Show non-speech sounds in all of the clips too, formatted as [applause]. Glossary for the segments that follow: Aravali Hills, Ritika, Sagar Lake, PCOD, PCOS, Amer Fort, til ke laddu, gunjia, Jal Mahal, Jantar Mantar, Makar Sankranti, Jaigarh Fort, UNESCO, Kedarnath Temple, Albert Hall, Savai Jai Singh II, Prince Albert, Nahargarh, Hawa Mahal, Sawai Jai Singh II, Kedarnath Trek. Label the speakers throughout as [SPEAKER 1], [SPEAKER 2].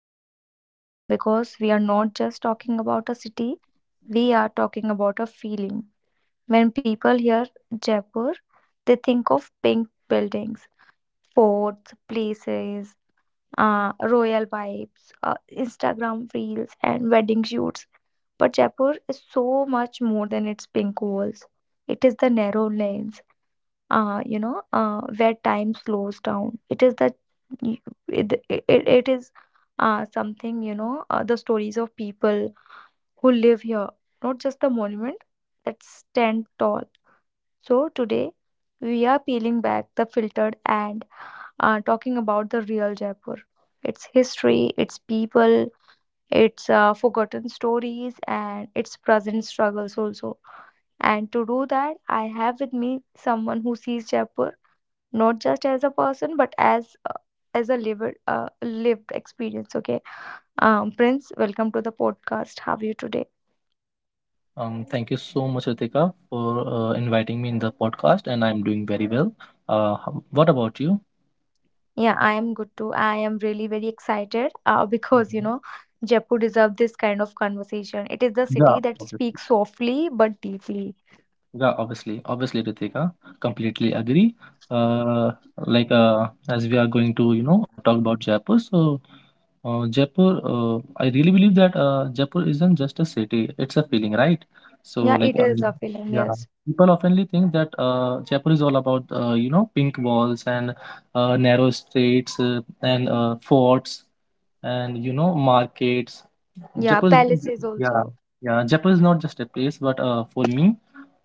[SPEAKER 1] to my heart because we are not just talking about a city, we are talking about a feeling. When people hear Jaipur, they think of pink buildings, forts, places, royal vibes, Instagram reels, and wedding shoots. But Jaipur is so much more than its pink walls. It is the narrow lanes where time slows down. It is something, the stories of people who live here, not just the monument that stand tall. So today we are peeling back the filtered and talking about the real Jaipur. Its history, its people, its forgotten stories, and its present struggles also. And to do that, I have with me someone who sees Jaipur not just as a person but as a lived experience. Okay. Prince, welcome to the podcast. How are you today?
[SPEAKER 2] Thank you so much, Ritika, for inviting me in the podcast, and I'm doing very well. What about you?
[SPEAKER 1] Yeah, I am good too. I am really very excited, [laughs] because
[SPEAKER 2] Mhm.
[SPEAKER 1] Jaipur deserves this kind of conversation. It is the city
[SPEAKER 2] Yeah,
[SPEAKER 1] that
[SPEAKER 2] obviously.
[SPEAKER 1] speaks softly but deeply.
[SPEAKER 2] Yeah, obviously. Obviously, Ritika, completely agree. Uh, like as we are going to, you know, talk about Jaipur. So, Jaipur, I really believe that Jaipur isn't just a city; it's a feeling, right? So,
[SPEAKER 1] Yeah,
[SPEAKER 2] like,
[SPEAKER 1] it is a feeling.
[SPEAKER 2] yeah,
[SPEAKER 1] Yes.
[SPEAKER 2] people oftenly think that Jaipur is all about, you know, pink walls and narrow streets and forts and you know markets.
[SPEAKER 1] Yeah,
[SPEAKER 2] Jaipur, is-
[SPEAKER 1] palaces
[SPEAKER 2] yeah,
[SPEAKER 1] also.
[SPEAKER 2] yeah. Jaipur is not just a place, but for me,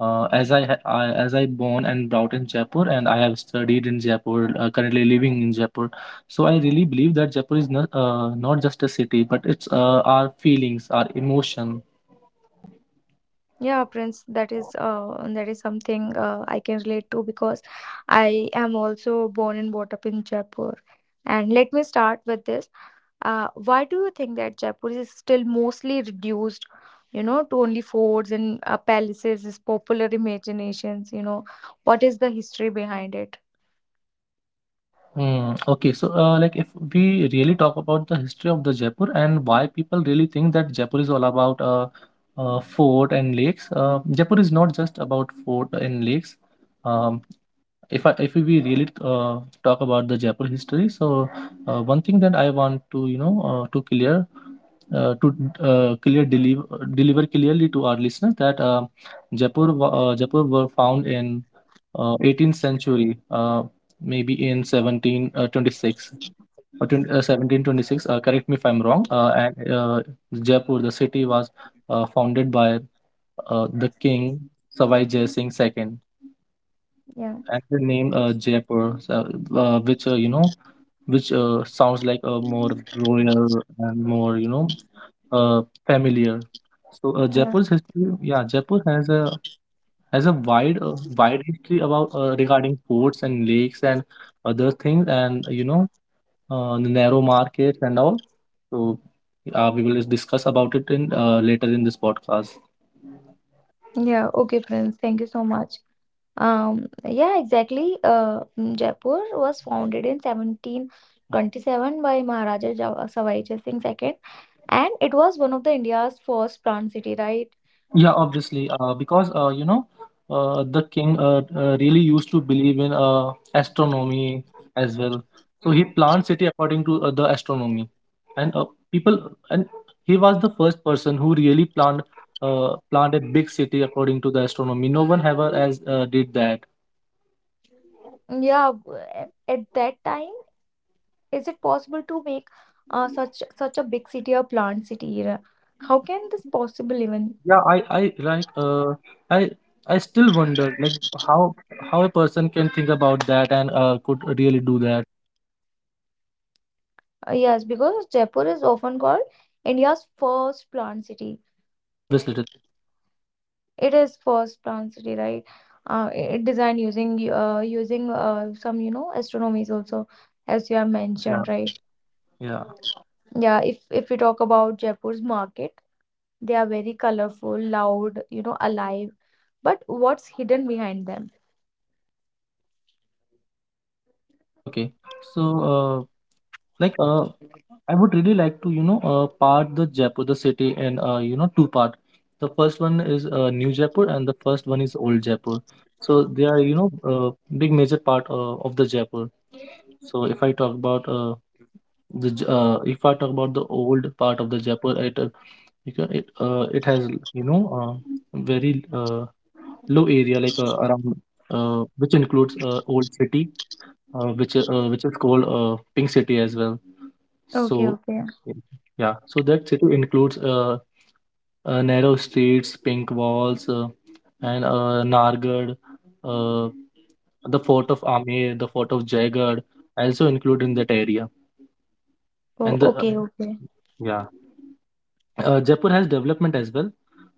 [SPEAKER 2] I as I born and brought in Jaipur, and I have studied in Jaipur, currently living in Jaipur. So I really believe that Jaipur is not just a city, but it's our feelings, our emotion.
[SPEAKER 1] Yeah, Prince, that is something, I can relate to, because I am also born and brought up in Jaipur. And let me start with this. Why do you think that Jaipur is still mostly reduced, to only forts and palaces, is popular imaginations, you know? What is the history behind it?
[SPEAKER 2] Hmm. Okay, so like if we really talk about the history of the Jaipur and why people really think that Jaipur is all about fort and lakes. Jaipur is not just about fort and lakes. Um, if we really talk about the Jaipur history, so one thing that I want to you know to clear deliver clearly to our listeners that Jaipur were found in 18th century, maybe in 1726 1726. Correct me if I'm wrong. And Jaipur, the city, was founded by the king Savai Jai Singh II,
[SPEAKER 1] Yeah,
[SPEAKER 2] actor named Jaipur, so, which you know, which sounds like a more royal and more you know, uh, familiar. So
[SPEAKER 1] yeah,
[SPEAKER 2] Jaipur's history, yeah, Jaipur has a has a wide history about regarding forts and lakes and other things, and you know, the narrow markets and all. So we will discuss about it in later in this podcast.
[SPEAKER 1] yeah. Okay, Prince, thank you so much. Yeah, exactly. Jaipur was founded in 1727 by Maharaja Sawai Jai Singh II, and it was one of the India's first planned city, right?
[SPEAKER 2] Yeah, obviously, because you know, the king really used to believe in astronomy as well. So he planned city according to the astronomy, and people and he was the first person who really planned planned a big city according to the astronomy. No one ever as did that.
[SPEAKER 1] Yeah, at that time. Is it possible to make such a big city, a plant city? How can this possible even?
[SPEAKER 2] Yeah, I like uh, I I still wonder like how how a person can think about that and could really do that.
[SPEAKER 1] Yes, because Jaipur is often called India's first plant city.
[SPEAKER 2] Obviously, it is-
[SPEAKER 1] It is first plant city, right? It designed using some astronomies also, as you have
[SPEAKER 2] yeah,
[SPEAKER 1] mentioned, right?
[SPEAKER 2] yeah.
[SPEAKER 1] Yeah, if we talk about Jaipur's market, they are very colorful, loud, alive. But what's hidden behind them?
[SPEAKER 2] Mm, okay. So, uh, like, I would really like to, you know, part the Jaipur, the city, and you know, two part. The first one is New Jaipur, and the first one is Old Jaipur. So they are, you know, big major part of the Jaipur. So if I talk about if I talk about the old part of the Jaipur, it it has, you know, very low area around which includes old city which is called Pink City as well.
[SPEAKER 1] Okay,
[SPEAKER 2] So
[SPEAKER 1] okay.
[SPEAKER 2] y- yeah, so that city includes narrow streets, pink walls, and Nargad, uh, the fort of Amer, the fort of Jaigarh, also include in that area.
[SPEAKER 1] Oh,
[SPEAKER 2] And the
[SPEAKER 1] okay, okay.
[SPEAKER 2] yeah, Jaipur has development as well.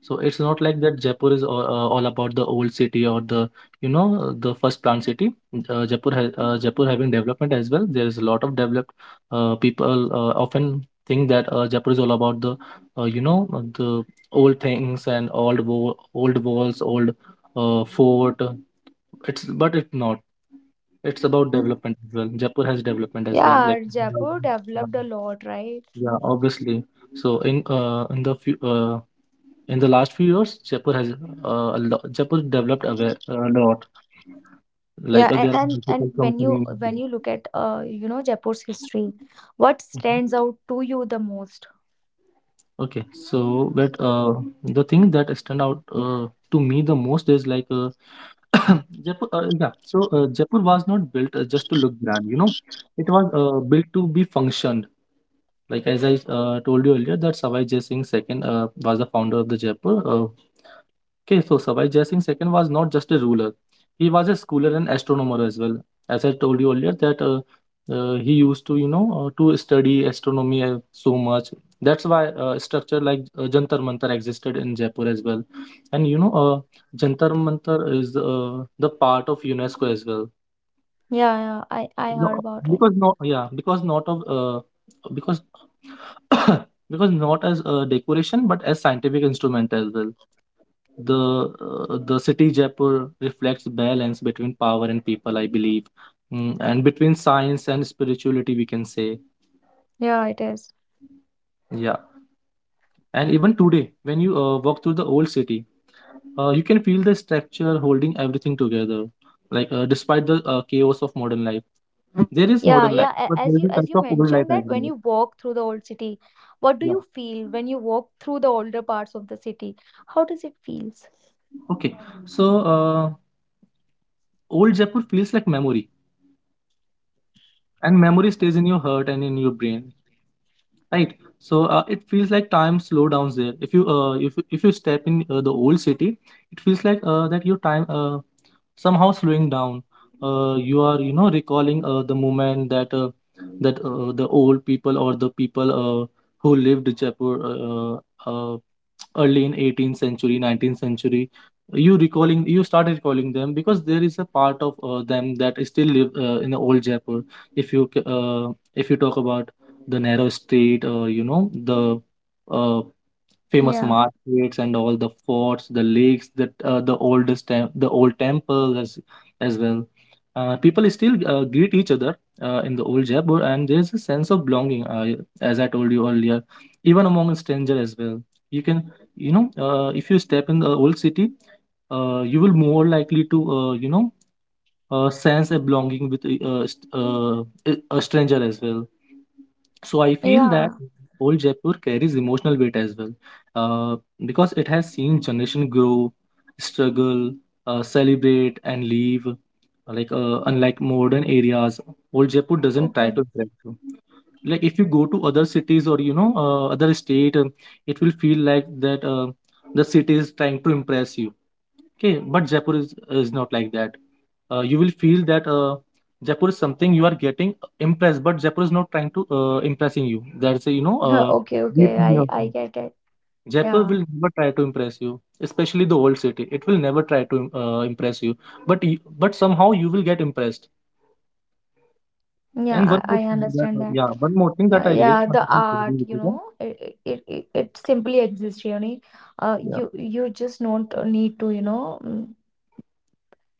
[SPEAKER 2] So it's not like that Jaipur is all about the old city or the you know the first plant city. Uh, Jaipur having development as well. There is a lot of developed people often think that Jaipur is all about the you know the old things and old walls, old fort. It's but it's not. It's about development as well. Jaipur has development as well. Like
[SPEAKER 1] Yeah, Jaipur developed a lot, right?
[SPEAKER 2] yeah, obviously. So in the last few years, Jaipur has Jaipur developed a lot.
[SPEAKER 1] Yeah,
[SPEAKER 2] There are
[SPEAKER 1] and, and
[SPEAKER 2] multiple
[SPEAKER 1] and when you
[SPEAKER 2] companies.
[SPEAKER 1] when you look at Jaipur's history, what stands
[SPEAKER 2] Mhm.
[SPEAKER 1] out to you the most?
[SPEAKER 2] Okay, so but the thing that stand out to me the most is [coughs] Jaipur. Yeah, so Jaipur was not built just to look grand. You know, it was built to be functioned. Like as I told you earlier, that Savai Jai Singh the second was the founder of the Jaipur. Okay, so Savai Jai Singh the Second was not just a ruler; he was a scholar and astronomer as well. As I told you earlier, that he used to, you know, to study astronomy so much. That's why structure like Jantar Mantar existed in Jaipur as well. And you know, Jantar Mantar is the part of UNESCO as well.
[SPEAKER 1] Yeah, yeah, I heard
[SPEAKER 2] No,
[SPEAKER 1] about it.
[SPEAKER 2] because no, yeah, because not of because [coughs] Because not as a decoration, but as scientific instrument as well. The city Jaipur reflects balance between power and people, I believe, mm, and between science and spirituality, we can say,
[SPEAKER 1] Yeah, it is.
[SPEAKER 2] yeah. And even today, when you walk through the old city, you can feel the structure holding everything together. Despite the chaos of modern life, there is
[SPEAKER 1] Yeah,
[SPEAKER 2] modern life,
[SPEAKER 1] yeah.
[SPEAKER 2] but there
[SPEAKER 1] As
[SPEAKER 2] is
[SPEAKER 1] you
[SPEAKER 2] a
[SPEAKER 1] as
[SPEAKER 2] touch
[SPEAKER 1] you
[SPEAKER 2] of old life
[SPEAKER 1] mentioned,
[SPEAKER 2] as
[SPEAKER 1] that when
[SPEAKER 2] well.
[SPEAKER 1] you walk through the old city, what do
[SPEAKER 2] Yeah.
[SPEAKER 1] you feel when you walk through the older parts of the city? How does it feels?
[SPEAKER 2] Okay, so old Jaipur feels like memory, and memory stays in your heart and in your brain, right? So it feels like time slow downs there. If if you step in the old city, it feels like that your time somehow slowing down. You are you know recalling the moment that that the old people or the people who lived Jaipur uh, early in 18th century 19th century you recalling you started recalling them because there is a part of them that still live in the old Jaipur. If you talk about the narrow street or you know the uh, famous
[SPEAKER 1] Yeah,
[SPEAKER 2] markets and all the forts, the lakes, that the oldest tem- the old temple as well. People still greet each other in the old Jaipur, and there's a sense of belonging, as I told you earlier, even among stranger as well. You can, you know, if you step in the old city, you will more likely to, you know, sense a belonging with a, st- a stranger as well. So I feel that
[SPEAKER 1] yeah.
[SPEAKER 2] old Jaipur carries emotional weight as well, uh, because it has seen generation grow, struggle, celebrate, and leave. Unlike modern areas, old Jaipur doesn't try
[SPEAKER 1] Okay.
[SPEAKER 2] to
[SPEAKER 1] [laughs]
[SPEAKER 2] impress you. Like if you go to other cities or you know other state, it will feel like that the city is trying to impress you. Okay, but is not like that. You will feel that Jaipur is something you are getting impressed, but Jaipur is not trying to impressing you. That's a, you know,
[SPEAKER 1] Yeah, okay,
[SPEAKER 2] deep
[SPEAKER 1] okay.
[SPEAKER 2] meaning
[SPEAKER 1] I
[SPEAKER 2] of
[SPEAKER 1] I
[SPEAKER 2] it.
[SPEAKER 1] get it.
[SPEAKER 2] Jaipur
[SPEAKER 1] Yeah,
[SPEAKER 2] will never try to impress you, especially the old city. It will never try to impress you, but but somehow you will get impressed.
[SPEAKER 1] yeah.
[SPEAKER 2] And one more
[SPEAKER 1] I
[SPEAKER 2] thing
[SPEAKER 1] understand that.
[SPEAKER 2] yeah, one more thing that I really
[SPEAKER 1] Yeah,
[SPEAKER 2] want to
[SPEAKER 1] the
[SPEAKER 2] say with
[SPEAKER 1] art,
[SPEAKER 2] you, okay?
[SPEAKER 1] it simply exists. Really,
[SPEAKER 2] Yeah.
[SPEAKER 1] you just don't need to,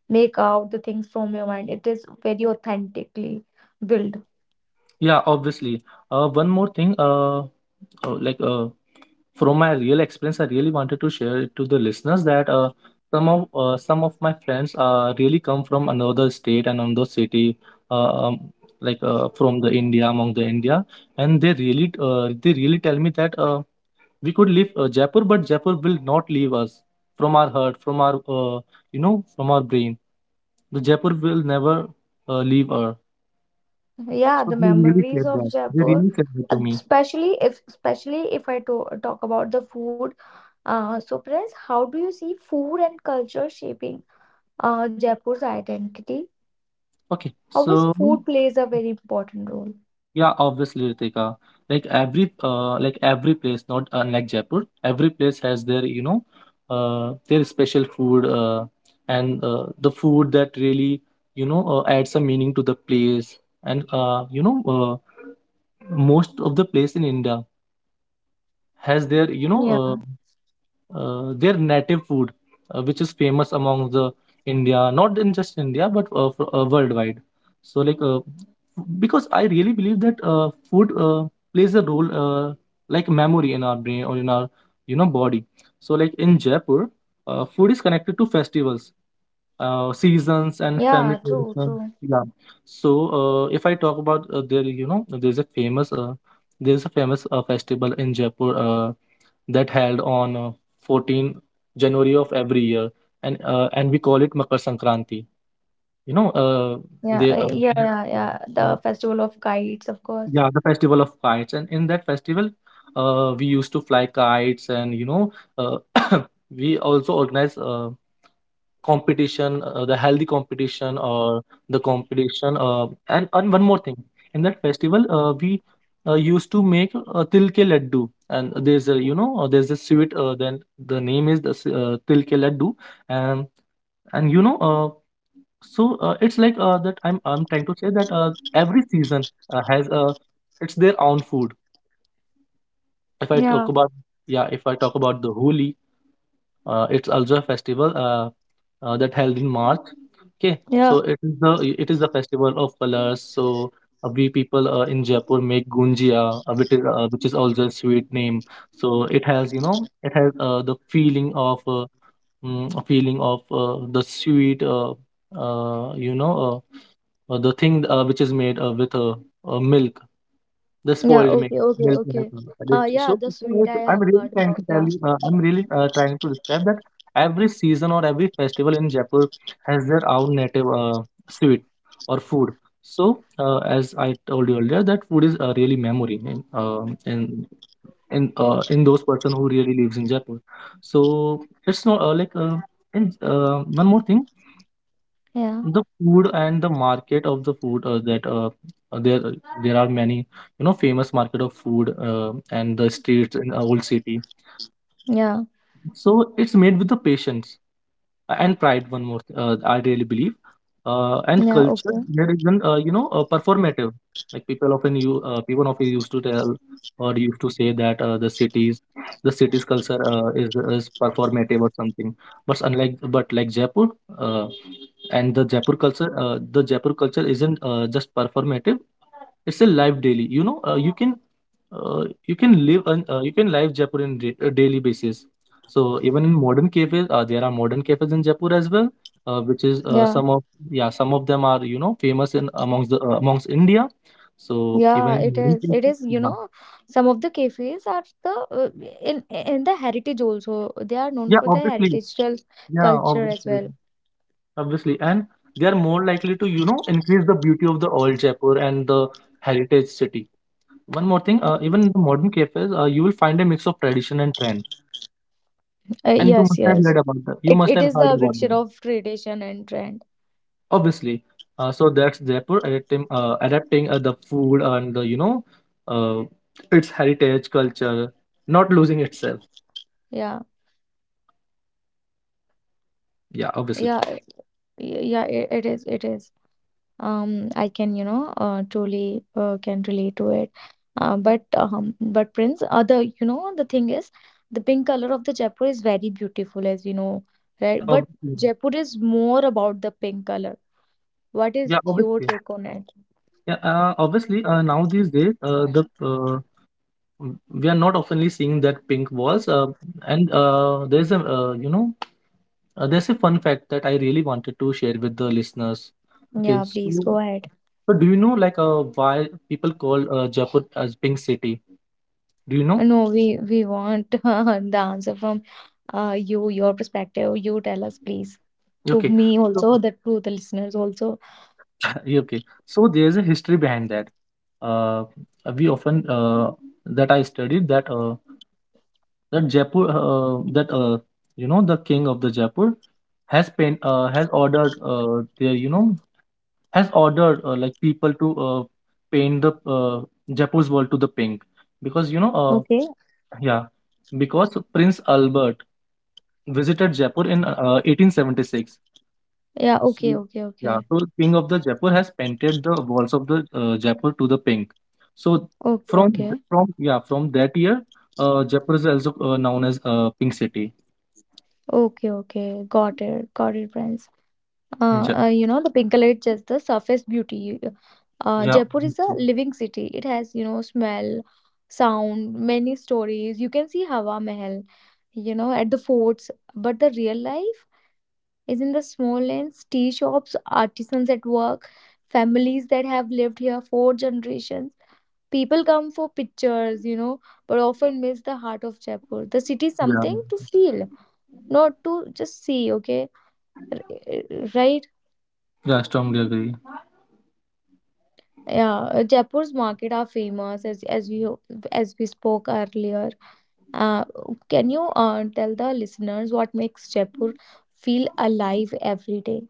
[SPEAKER 1] make out the things from your mind. It is very authentically built.
[SPEAKER 2] Yeah, obviously. One more thing, uh, like uh, from my real experience, I really wanted to share it to the listeners that some of my friends really come from another state and another city, uh, um, from the India, among the India, and they really tell me that we could leave Jaipur, but Jaipur will not leave us from our heart, from our you know, from our brain. The Jaipur will never leave us.
[SPEAKER 1] Yeah,
[SPEAKER 2] So
[SPEAKER 1] the
[SPEAKER 2] they really
[SPEAKER 1] memories
[SPEAKER 2] said
[SPEAKER 1] of
[SPEAKER 2] that. They
[SPEAKER 1] Jaipur,
[SPEAKER 2] really said that to me.
[SPEAKER 1] especially if I to talk about the food. So, Prince, how do you see food and culture shaping Jaipur's identity?
[SPEAKER 2] Okay,
[SPEAKER 1] How is
[SPEAKER 2] so
[SPEAKER 1] food plays a very important role?
[SPEAKER 2] yeah, obviously, Ritika, like every place, not like Jaipur, every place has their you know their special food, and the food that really you know adds some meaning to the place and you know most of the place in India has their you know
[SPEAKER 1] Yeah,
[SPEAKER 2] their native food, which is famous among the India, not in just India but worldwide. So because I really believe that food plays a role uh, like memory in our brain or in our you know body. So like in Jaipur, food is connected to festivals, seasons and family
[SPEAKER 1] yeah, true,
[SPEAKER 2] tradition.
[SPEAKER 1] true.
[SPEAKER 2] Yeah. So if I talk about there's a famous festival in Jaipur that held on 14th January of every year, and we call it Makar Sankranti. You know,
[SPEAKER 1] Yeah,
[SPEAKER 2] they
[SPEAKER 1] yeah, yeah,
[SPEAKER 2] yeah,
[SPEAKER 1] yeah.
[SPEAKER 2] mm,
[SPEAKER 1] The festival of kites, of course.
[SPEAKER 2] yeah, The festival of kites, and in that festival, we used to fly kites, and you know, uh, [coughs] we also organize. Competition, the healthy competition or the competition. And one more thing, in that festival, we used to make til ke laddu, and there's a sweet. Then the name is til ke laddu, and and it's that I'm trying to say that every season has it's their own food if I talk
[SPEAKER 1] Yeah,
[SPEAKER 2] about yeah if I talk about the holi. It's also a festival that held in March. Okay, so
[SPEAKER 1] yeah,
[SPEAKER 2] it is the festival of colors. So we people in Jaipur make gunjia, which is also a sweet name. So it has it has the feeling of mm, a feeling of the sweet, uh, you know the thing which is made with milk, the
[SPEAKER 1] yeah.
[SPEAKER 2] spoiled milk,
[SPEAKER 1] Okay, okay,
[SPEAKER 2] milk and
[SPEAKER 1] okay.
[SPEAKER 2] all that.
[SPEAKER 1] Yeah,
[SPEAKER 2] So
[SPEAKER 1] the
[SPEAKER 2] so
[SPEAKER 1] sweet I
[SPEAKER 2] I'm
[SPEAKER 1] have
[SPEAKER 2] really
[SPEAKER 1] heard
[SPEAKER 2] trying to
[SPEAKER 1] about.
[SPEAKER 2] tell
[SPEAKER 1] Yeah,
[SPEAKER 2] you, I'm really trying to describe that every season or every festival in Jaipur has their own native sweet or food. So as I told you earlier, that food is really memory in in those person who really lives in Jaipur. So it's not like and one more thing,
[SPEAKER 1] yeah,
[SPEAKER 2] the food and the market of the food that there there are many you know famous market of food and the streets in our old city,
[SPEAKER 1] yeah,
[SPEAKER 2] so it's made with the patience and pride. One more I really believe, and
[SPEAKER 1] yeah,
[SPEAKER 2] culture
[SPEAKER 1] Okay,
[SPEAKER 2] there isn't performative. Like people often used to tell or used to say that the city's culture is performative or something, but unlike but like jaipur, uh, and the jaipur culture, the jaipur culture isn't just performative. It's a live daily, you know, uh, you can live, and you can live jaipur in a daily basis. So even in modern cafes, there are modern cafes in Jaipur as well, which is
[SPEAKER 1] yeah,
[SPEAKER 2] some of yeah some of them are you know famous in amongst the amongst India. So even
[SPEAKER 1] yeah.
[SPEAKER 2] in
[SPEAKER 1] It
[SPEAKER 2] modern
[SPEAKER 1] is,
[SPEAKER 2] cafes,
[SPEAKER 1] it is. You
[SPEAKER 2] yeah,
[SPEAKER 1] know, some of the cafes are the in the heritage also. They are known
[SPEAKER 2] yeah,
[SPEAKER 1] for their
[SPEAKER 2] obviously,
[SPEAKER 1] heritageal
[SPEAKER 2] yeah,
[SPEAKER 1] culture as
[SPEAKER 2] obviously,
[SPEAKER 1] well.
[SPEAKER 2] obviously, and they are more likely to you know increase the beauty of the old Jaipur and the heritage city. One more thing, even in the modern cafes, you will find a mix of tradition and trend, and you
[SPEAKER 1] Yes,
[SPEAKER 2] must have
[SPEAKER 1] yes.
[SPEAKER 2] heard about that. You
[SPEAKER 1] It
[SPEAKER 2] must
[SPEAKER 1] it
[SPEAKER 2] have
[SPEAKER 1] is
[SPEAKER 2] heard
[SPEAKER 1] the
[SPEAKER 2] about
[SPEAKER 1] mixture
[SPEAKER 2] that.
[SPEAKER 1] of tradition and trend.
[SPEAKER 2] Obviously, so that's jaipur adapting, adapting the food and the uh, its heritage culture, not losing itself.
[SPEAKER 1] Yeah,
[SPEAKER 2] Yeah, obviously.
[SPEAKER 1] yeah, yeah. It is. I can you know truly can relate to it, but Prince, other, the thing is, the pink color of the Jaipur is very beautiful, as you know,
[SPEAKER 2] Yeah,
[SPEAKER 1] right? But
[SPEAKER 2] obviously.
[SPEAKER 1] Jaipur is more about the pink color. What is
[SPEAKER 2] Yeah,
[SPEAKER 1] your
[SPEAKER 2] obviously.
[SPEAKER 1] take on it?
[SPEAKER 2] Yeah, obviously, now these days, uh, we are not oftenly seeing that pink walls, and there's a you know there's a fun fact that I really wanted to share with the listeners. Okay
[SPEAKER 1] Yeah, please
[SPEAKER 2] so,
[SPEAKER 1] go ahead.
[SPEAKER 2] so do you know why people call jaipur as pink city, do you know?
[SPEAKER 1] No, we want [laughs] the answer from your perspective. You tell us, please. To
[SPEAKER 2] Okay.
[SPEAKER 1] me
[SPEAKER 2] So,
[SPEAKER 1] also, the to the listeners also.
[SPEAKER 2] [laughs] yeah, okay. So there's a history behind that. Uh, we often That I studied that Jaipur, that you know the king of the Jaipur has ordered the you know has ordered, like people to, paint the Jaipur's wall to the pink, because
[SPEAKER 1] Okay,
[SPEAKER 2] yeah because Prince Albert visited Jaipur in 1876.
[SPEAKER 1] yeah,
[SPEAKER 2] So,
[SPEAKER 1] okay, okay,
[SPEAKER 2] yeah,
[SPEAKER 1] okay,
[SPEAKER 2] so King of the Jaipur has painted the walls of the Jaipur to the pink. So
[SPEAKER 1] okay,
[SPEAKER 2] from th-
[SPEAKER 1] okay.
[SPEAKER 2] from yeah from that year, Jaipur is also known as Pink City.
[SPEAKER 1] Okay, okay, got it, friends.
[SPEAKER 2] Ja-
[SPEAKER 1] You know, the Pinkalate just the surface beauty.
[SPEAKER 2] Yeah,
[SPEAKER 1] Jaipur is a
[SPEAKER 2] okay.
[SPEAKER 1] living city. It has smell, sound, many stories. You can see Hawa Mahal at the forts. But the real life is in the small lanes, tea shops, artisans at work, families that have lived here for generations. People come for pictures but often miss the heart of Jaipur. The city is
[SPEAKER 2] Yeah,
[SPEAKER 1] something to feel, not to just see, okay? Right.
[SPEAKER 2] yeah. I strongly agree.
[SPEAKER 1] Yeah. Jaipur's market are famous, as we spoke earlier. uh, can you tell the listeners what makes Jaipur feel alive every day?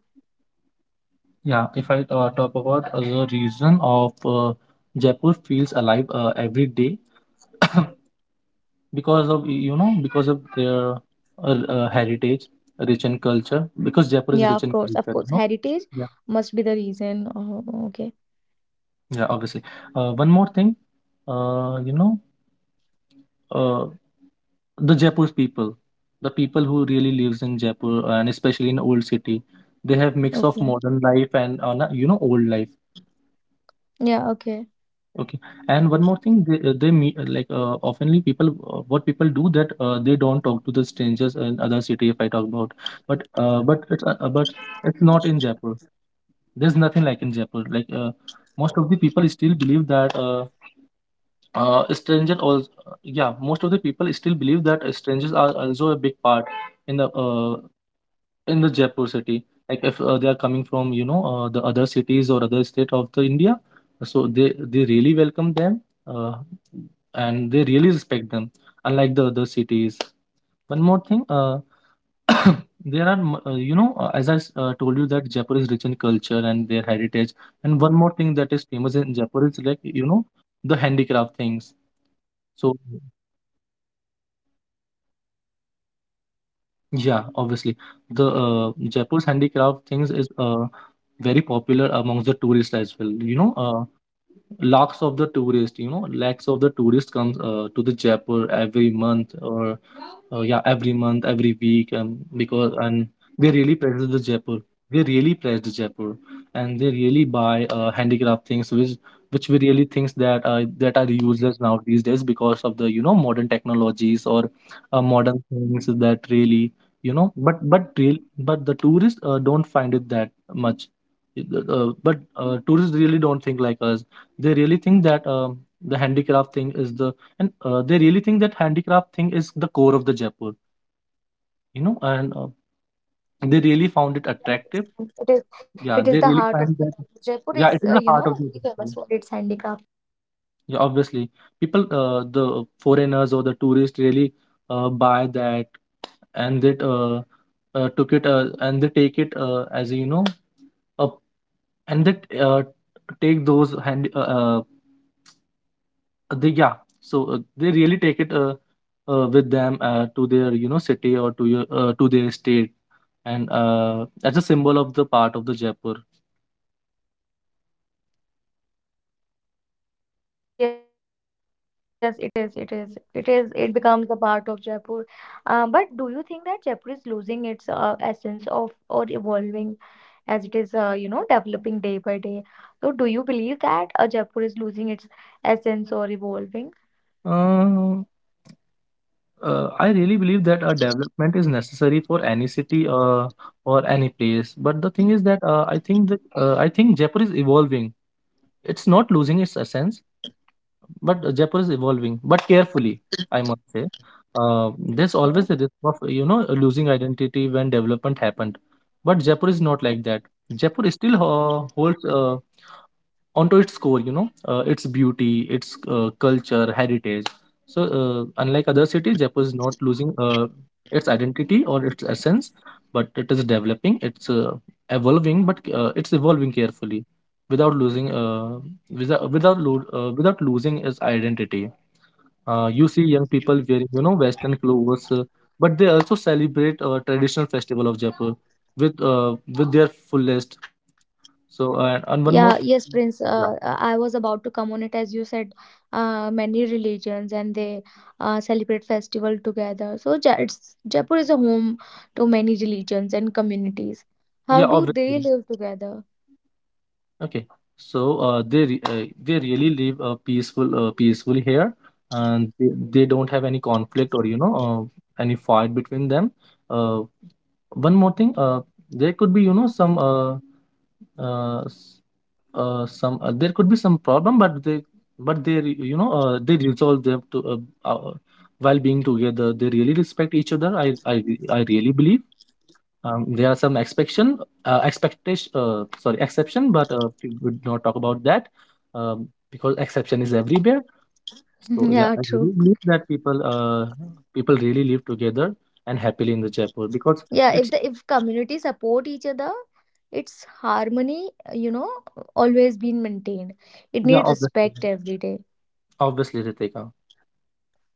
[SPEAKER 2] Yeah, if I talk about the reason of Jaipur feels alive every day, because of you know because of their heritage, rich in culture. Because Jaipur is
[SPEAKER 1] Yeah,
[SPEAKER 2] rich
[SPEAKER 1] of
[SPEAKER 2] in
[SPEAKER 1] course, of
[SPEAKER 2] culture, you
[SPEAKER 1] course, heritage
[SPEAKER 2] know.
[SPEAKER 1] must be the reason. Oh, okay.
[SPEAKER 2] Yeah, obviously. One more thing, uh, you know, uh, the Jaipur's people, the people who really lives in Jaipur and especially in old city, they have mix of
[SPEAKER 1] Okay,
[SPEAKER 2] modern life and you know old life.
[SPEAKER 1] yeah, okay.
[SPEAKER 2] Okay, and one more thing, they meet oftenly people, what people do that they don't talk to the strangers in other city if I talk about, but it's not in Jaipur. There's nothing like in Jaipur. Most of the people still believe that stranger also, yeah, most of the people still believe that strangers are also a big part in the uh, in the jaipur city. Like if they are coming from the other cities or other state of the india, so they really welcome them, uh, and they really respect them, unlike the other cities. One more thing, [coughs] there are m- you know as i told you that jaipur is rich in culture and their heritage, and one more thing that is famous in jaipur is like you know the handicraft things.
[SPEAKER 1] Yeah,
[SPEAKER 2] So
[SPEAKER 1] handicrafts are very. Oh, it is famous all over the world.
[SPEAKER 2] yeah, obviously, the Jaipur's handicraft things is very popular amongst the tourists as well. You know, lakhs of the tourists, you know, lakhs of the tourists comes to the Jaipur every month or yeah every month, every week, because, and they really praise the jaipur, they really praise the jaipur, and they really buy handicraft things which we really thinks that that are useless now these days because of the you know modern technologies or
[SPEAKER 1] Yeah,
[SPEAKER 2] modern things that really you know. But real but the tourists don't find it that much. But tourists really don't think like us. They really think that the handicraft thing is the they really think that handicraft thing is the core of the jaipur, you know, and they really
[SPEAKER 1] yeah,
[SPEAKER 2] found it attractive.
[SPEAKER 1] it is it
[SPEAKER 2] Yeah,
[SPEAKER 1] is the
[SPEAKER 2] they really
[SPEAKER 1] heart of
[SPEAKER 2] find
[SPEAKER 1] the
[SPEAKER 2] that,
[SPEAKER 1] Jaipur. Is
[SPEAKER 2] yeah, it is the heart of the
[SPEAKER 1] very famous
[SPEAKER 2] jaipur.
[SPEAKER 1] for its handicraft.
[SPEAKER 2] Yeah, obviously. People, the foreigners or the tourists really buy that. And that uh, uh, took it uh, and they take it as you know, uh, and that take those hand they yeah so they really take it with them to their you know city or to your to their state, and as a symbol of the part of the Jaipur.
[SPEAKER 1] Yes, yes, it is. It is. It is. It becomes a part of Jaipur. But do you think that Jaipur is losing its essence of or evolving as it is, developing day by day? So, do you believe that Jaipur is losing its essence or evolving?
[SPEAKER 2] Uh, I really believe that a development is necessary for any city or any place. But the thing is that I think Jaipur is evolving. It's not losing its essence. But Jaipur is evolving, but carefully, I must say. There's always a risk of, you know, losing identity when development happened. But Jaipur is not like that. Jaipur still ho holds onto its core, you know, its beauty, its culture heritage. So unlike other cities jaipur is not losing its identity or its essence, but it is developing, it's evolving, but it's evolving carefully without losing, without losing its identity. You see young people wearing you know western clothes, but they also celebrate traditional festival of jaipur with, with their fullest. So and
[SPEAKER 1] Yeah,
[SPEAKER 2] one more
[SPEAKER 1] yes, Prince. I was about to come on it as you said. Many religions, and they celebrate festival together. So Jaipur is a home to many religions and communities. How
[SPEAKER 2] Yeah,
[SPEAKER 1] do they
[SPEAKER 2] obviously.
[SPEAKER 1] live together?
[SPEAKER 2] Okay. So they really live, peacefully here, and they don't have any conflict or you know any fight between them. Uh, One more thing, there could be you know some s- some there could be some problem, but they re- you know they resolve them to while being together. They really respect each other. I really believe, there are some expectation, sorry, exception, but we would not talk about that, because exception is everywhere.
[SPEAKER 1] [laughs]
[SPEAKER 2] So yeah,
[SPEAKER 1] Yeah,
[SPEAKER 2] I really
[SPEAKER 1] true.
[SPEAKER 2] believe that people really live together and happily in the Jaipur because
[SPEAKER 1] Yeah, if
[SPEAKER 2] it's
[SPEAKER 1] the if communities support each other, its harmony, always been maintained. It
[SPEAKER 2] yeah,
[SPEAKER 1] needs
[SPEAKER 2] obviously,
[SPEAKER 1] respect every day.
[SPEAKER 2] obviously, Ritika,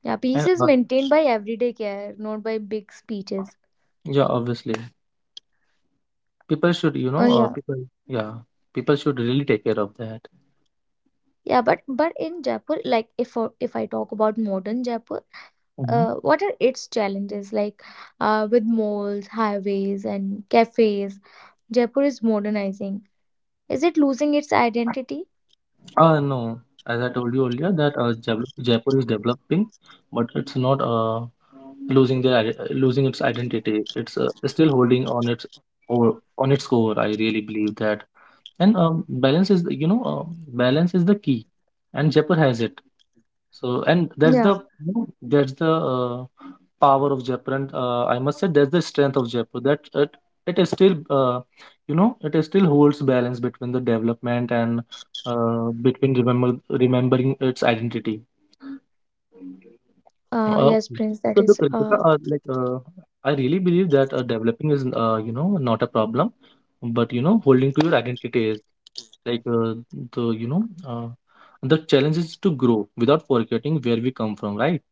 [SPEAKER 1] Yeah, peace
[SPEAKER 2] and
[SPEAKER 1] is maintained by everyday care, not by big speeches.
[SPEAKER 2] yeah, obviously, people should you
[SPEAKER 1] Oh
[SPEAKER 2] know,
[SPEAKER 1] yeah.
[SPEAKER 2] people yeah, people should really take care of that.
[SPEAKER 1] Yeah, but in Jaipur, like if I talk about modern Jaipur, what are its challenges like with malls, highways, and cafes? Jaipur is modernizing. Is it losing its identity?
[SPEAKER 2] No, as I told you earlier, that Jaipur is developing, but it's not losing their losing its identity. It's still holding on its or on its core. I really believe that. And balance is, the- you know, Balance is the key, and Jaipur has it. So, and that's the
[SPEAKER 1] Yeah.
[SPEAKER 2] you know, that's the Power of Jaipur, and I must say that's the strength of Jaipur. That it is still you know it is still holds balance between the development and between remembering its identity. Uh,
[SPEAKER 1] Yes, Prince. That
[SPEAKER 2] so
[SPEAKER 1] is.
[SPEAKER 2] look, Ritika, I really believe that developing is not a problem, but you know holding to your identity is like the you know the challenge is to grow without forgetting where we come from, right?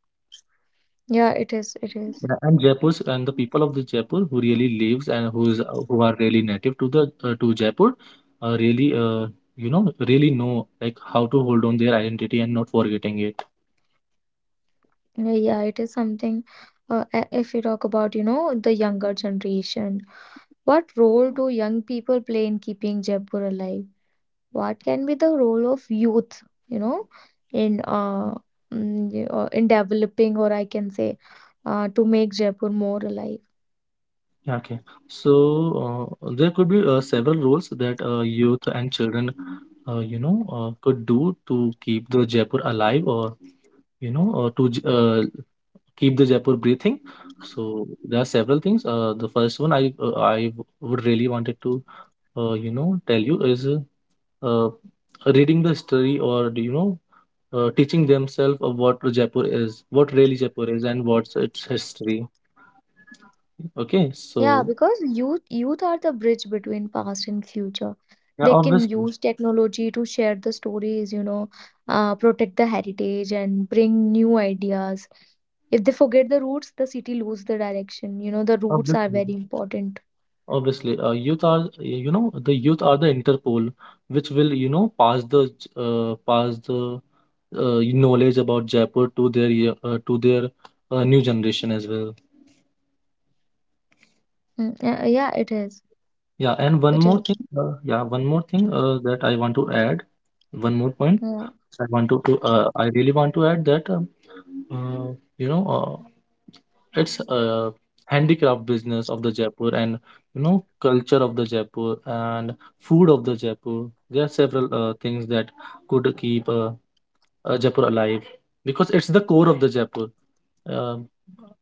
[SPEAKER 1] Yeah, it is. It is.
[SPEAKER 2] Yeah. And Jaipur and the people of the Jaipur who really lives and who are really native to the to Jaipur really you know really know like how to hold on their identity and not forgetting it.
[SPEAKER 1] Yeah, yeah, it is something. If you talk about, the younger generation, what role do young people play in keeping Jaipur alive? What can be the role of youth, in in developing, or I can say, to make Jaipur more alive?
[SPEAKER 2] Yeah. Okay, so there could be several roles that youth and children, could do to keep the Jaipur alive, or you know, or to j- uh, keep the Jaipur breathing. So there are several things. The first one would really wanted to, tell you is uh, reading the history or do you know, teaching themselves of what Jaipur is, what really Jaipur is, and what's its history. Okay,
[SPEAKER 1] Yeah,
[SPEAKER 2] so
[SPEAKER 1] because youth are the bridge between past and future.
[SPEAKER 2] yeah,
[SPEAKER 1] They can
[SPEAKER 2] obviously.
[SPEAKER 1] use technology to share the stories, protect the heritage and bring new ideas. If they forget the roots, the city lose the direction. The roots are
[SPEAKER 2] Obviously,
[SPEAKER 1] very important.
[SPEAKER 2] youth are the youth are the Interpol, which will you know pass pass the knowledge about Jaipur to to their new generation as well.
[SPEAKER 1] Mm, yeah, yeah, it is.
[SPEAKER 2] Yeah, and one
[SPEAKER 1] It
[SPEAKER 2] more
[SPEAKER 1] is.
[SPEAKER 2] thing, one more thing that I want to add, one more point.
[SPEAKER 1] Yeah.
[SPEAKER 2] I want to I really want to add that uh, you know uh, it's a handicraft business of the Jaipur and you know culture of the Jaipur and food of the Jaipur. There are several things that could keep Jaipur alive because it's the core of the Jaipur. Um,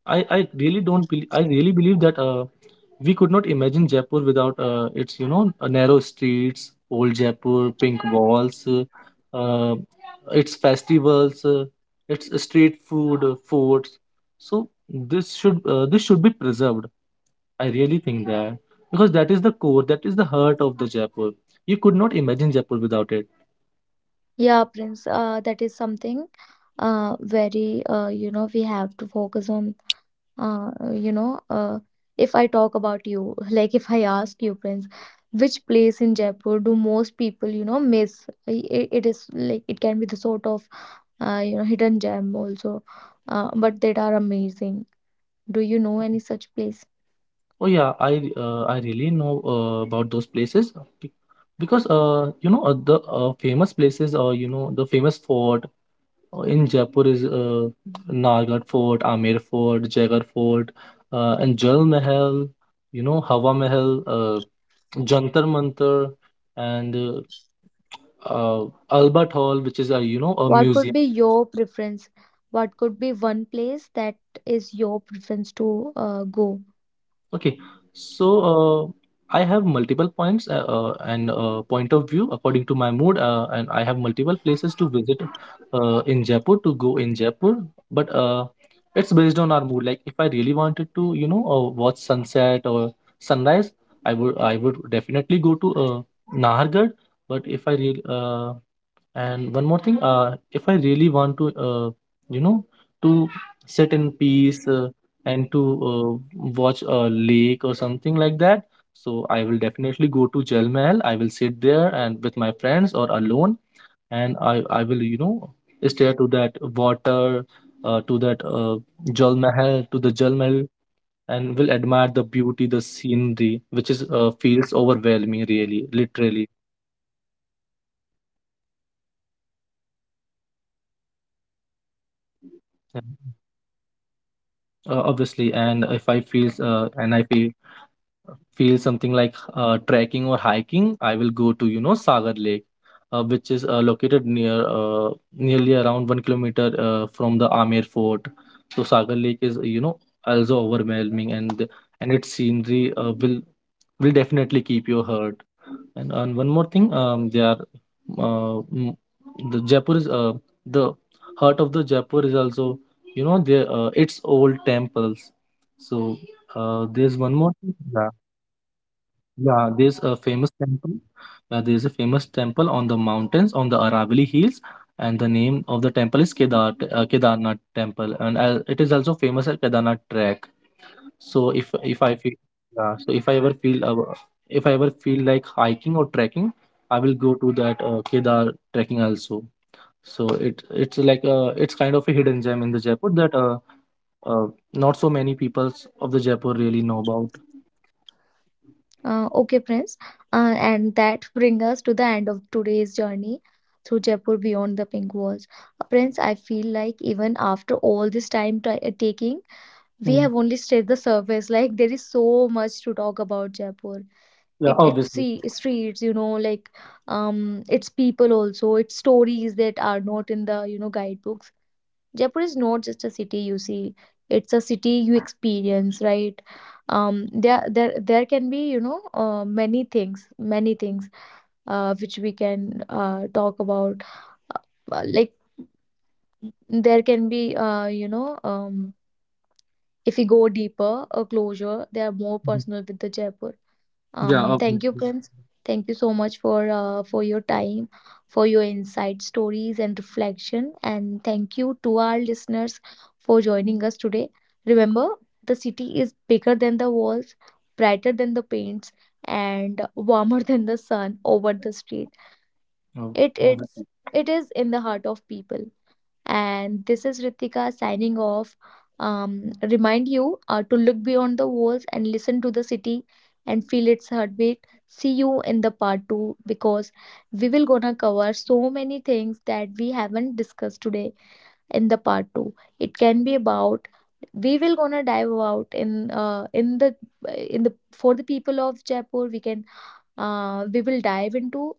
[SPEAKER 2] I really believe that we could not imagine Jaipur without its you know narrow streets, old Jaipur, pink walls, uh, its festivals, its street food, forts. So this should be preserved. I really think that, because that is the core, that is the heart of the Jaipur. You could not imagine Jaipur without it.
[SPEAKER 1] Yeah, Prince, that is something very, we have to focus on. uh, you know, uh, if I talk about you, [laughs] like if I ask you, Prince, which place in Jaipur do most people miss? It is like it can be the sort of, hidden gem also, but that are amazing. Do you know any such place?
[SPEAKER 2] Oh yeah, I really know about those places be- because you know the famous places or you know the famous fort in Jaipur is Nalgarh Fort, Amer Fort, Jaigarh Fort, and Jal Mahal, you know Hawa Mahal, uh, Jantar Mantar, and Albert Hall, which is a you know a
[SPEAKER 1] What could
[SPEAKER 2] museum.
[SPEAKER 1] be your preference? What could be one place that is your preference to go?
[SPEAKER 2] Okay, so I have multiple points and point of view according to my mood, and I have multiple places to visit in Jaipur to go in Jaipur. But it's based on our mood. Like if I really wanted to, you know, watch sunset or sunrise, I would definitely go to Nahargarh. But if I really and one more thing, if I really want to you know to sit in peace and to uh, watch a lake or something like that, so I will definitely go to jal mahal. I will sit there and with my friends or alone, and i will you know stare to that water uh, to that uh, to the jal mahal, and will admire the beauty, the scenery, which is feels overwhelming, really, literally.
[SPEAKER 1] Yeah, yeah, that is overwhelming. That is, very surreal moment when you watch sunset and
[SPEAKER 2] Yeah.
[SPEAKER 1] sunrise also.
[SPEAKER 2] Obviously, and if I feel and I feel something like trekking or hiking, I will go to you know Sagar Lake, which is located near, nearly around 1 kilometer from the Amir Fort. So Sagar Lake is you know also overwhelming, and its scenery will definitely keep you hurt. And one more thing, they are mm, the Jaipur is the heart of the Jaipur is also you know they its old temples. So there's one
[SPEAKER 1] Yeah,
[SPEAKER 2] more
[SPEAKER 1] that
[SPEAKER 2] thing.
[SPEAKER 1] there are
[SPEAKER 2] Yeah,
[SPEAKER 1] so many temples
[SPEAKER 2] yeah. There's a
[SPEAKER 1] in
[SPEAKER 2] famous
[SPEAKER 1] Jaipur.
[SPEAKER 2] temple. There's a famous temple on the mountains, on the Aravali Hills, and the name of the temple is Kedarnath Temple, and it is also famous as Kedarnath Trek. So
[SPEAKER 1] Oh,
[SPEAKER 2] if I feel
[SPEAKER 1] okay.
[SPEAKER 2] yeah, so if I ever feel like hiking or trekking, I will go to that Kedar trekking also. So it's like it's kind of a hidden gem in the Jaipur that uh, not so many people of the Jaipur really know about.
[SPEAKER 1] Okay, Prince. And that brings us to the end of today's journey through Jaipur beyond the pink walls. Prince, I feel like even after all this time t taking, we
[SPEAKER 2] Mm.
[SPEAKER 1] have only scratched the surface. Like there is so much to talk about Jaipur.
[SPEAKER 2] Yeah,
[SPEAKER 1] It
[SPEAKER 2] obviously.
[SPEAKER 1] see streets, you know, like um its people also, its stories that are not in the guidebooks. Jaipur is not just a city, you see. It's a city you experience, right? um there can be, you know, many things which we can talk about. uh, like, there can be, if we go deeper, a closure they are more
[SPEAKER 2] Mhm.
[SPEAKER 1] personal with the Jaipur.
[SPEAKER 2] Yeah,
[SPEAKER 1] Thank you,
[SPEAKER 2] obviously.
[SPEAKER 1] Prince. Thank you so much for your time, for your insight, stories, and reflection. And thank you to our listeners for joining us today. Remember, the city is bigger than the walls, brighter than the paints, and warmer [laughs] than the sun over the street.
[SPEAKER 2] Oh,
[SPEAKER 1] It
[SPEAKER 2] obviously.
[SPEAKER 1] it's it is in the heart of people. And this is Ritika signing off. Remind you to look beyond the walls and listen to the city and feel its heartbeat. See you in the part two, because we will gonna cover so many things that we haven't discussed today in the part two. It can be about, we will gonna dive out in the for the people of Jaipur. We will dive into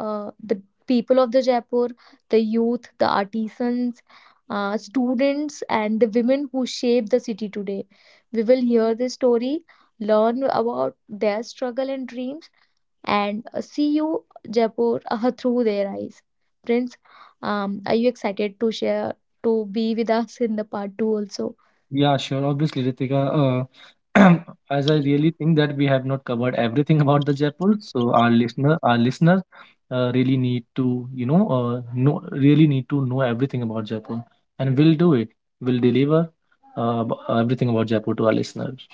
[SPEAKER 1] the people of the Jaipur, the youth, the artisans, students, and the women who shape the city today. We will hear this story, learn about their struggle and dreams, and see you, Jaipur, through their eyes. Prince, are you excited to share, to be with us in the part two also?
[SPEAKER 2] Yeah, sure. Obviously, Ritika, uh, [clears throat] as I really think that we have not covered everything about the Jaipur, so our listeners, really need to know everything about Jaipur, and we'll do it. We'll deliver everything about Jaipur to our listeners.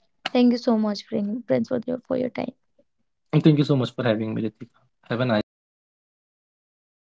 [SPEAKER 1] Thank you so much, Prince, for your time.
[SPEAKER 2] And thank you so much for having me, Ritika. Have a nice day.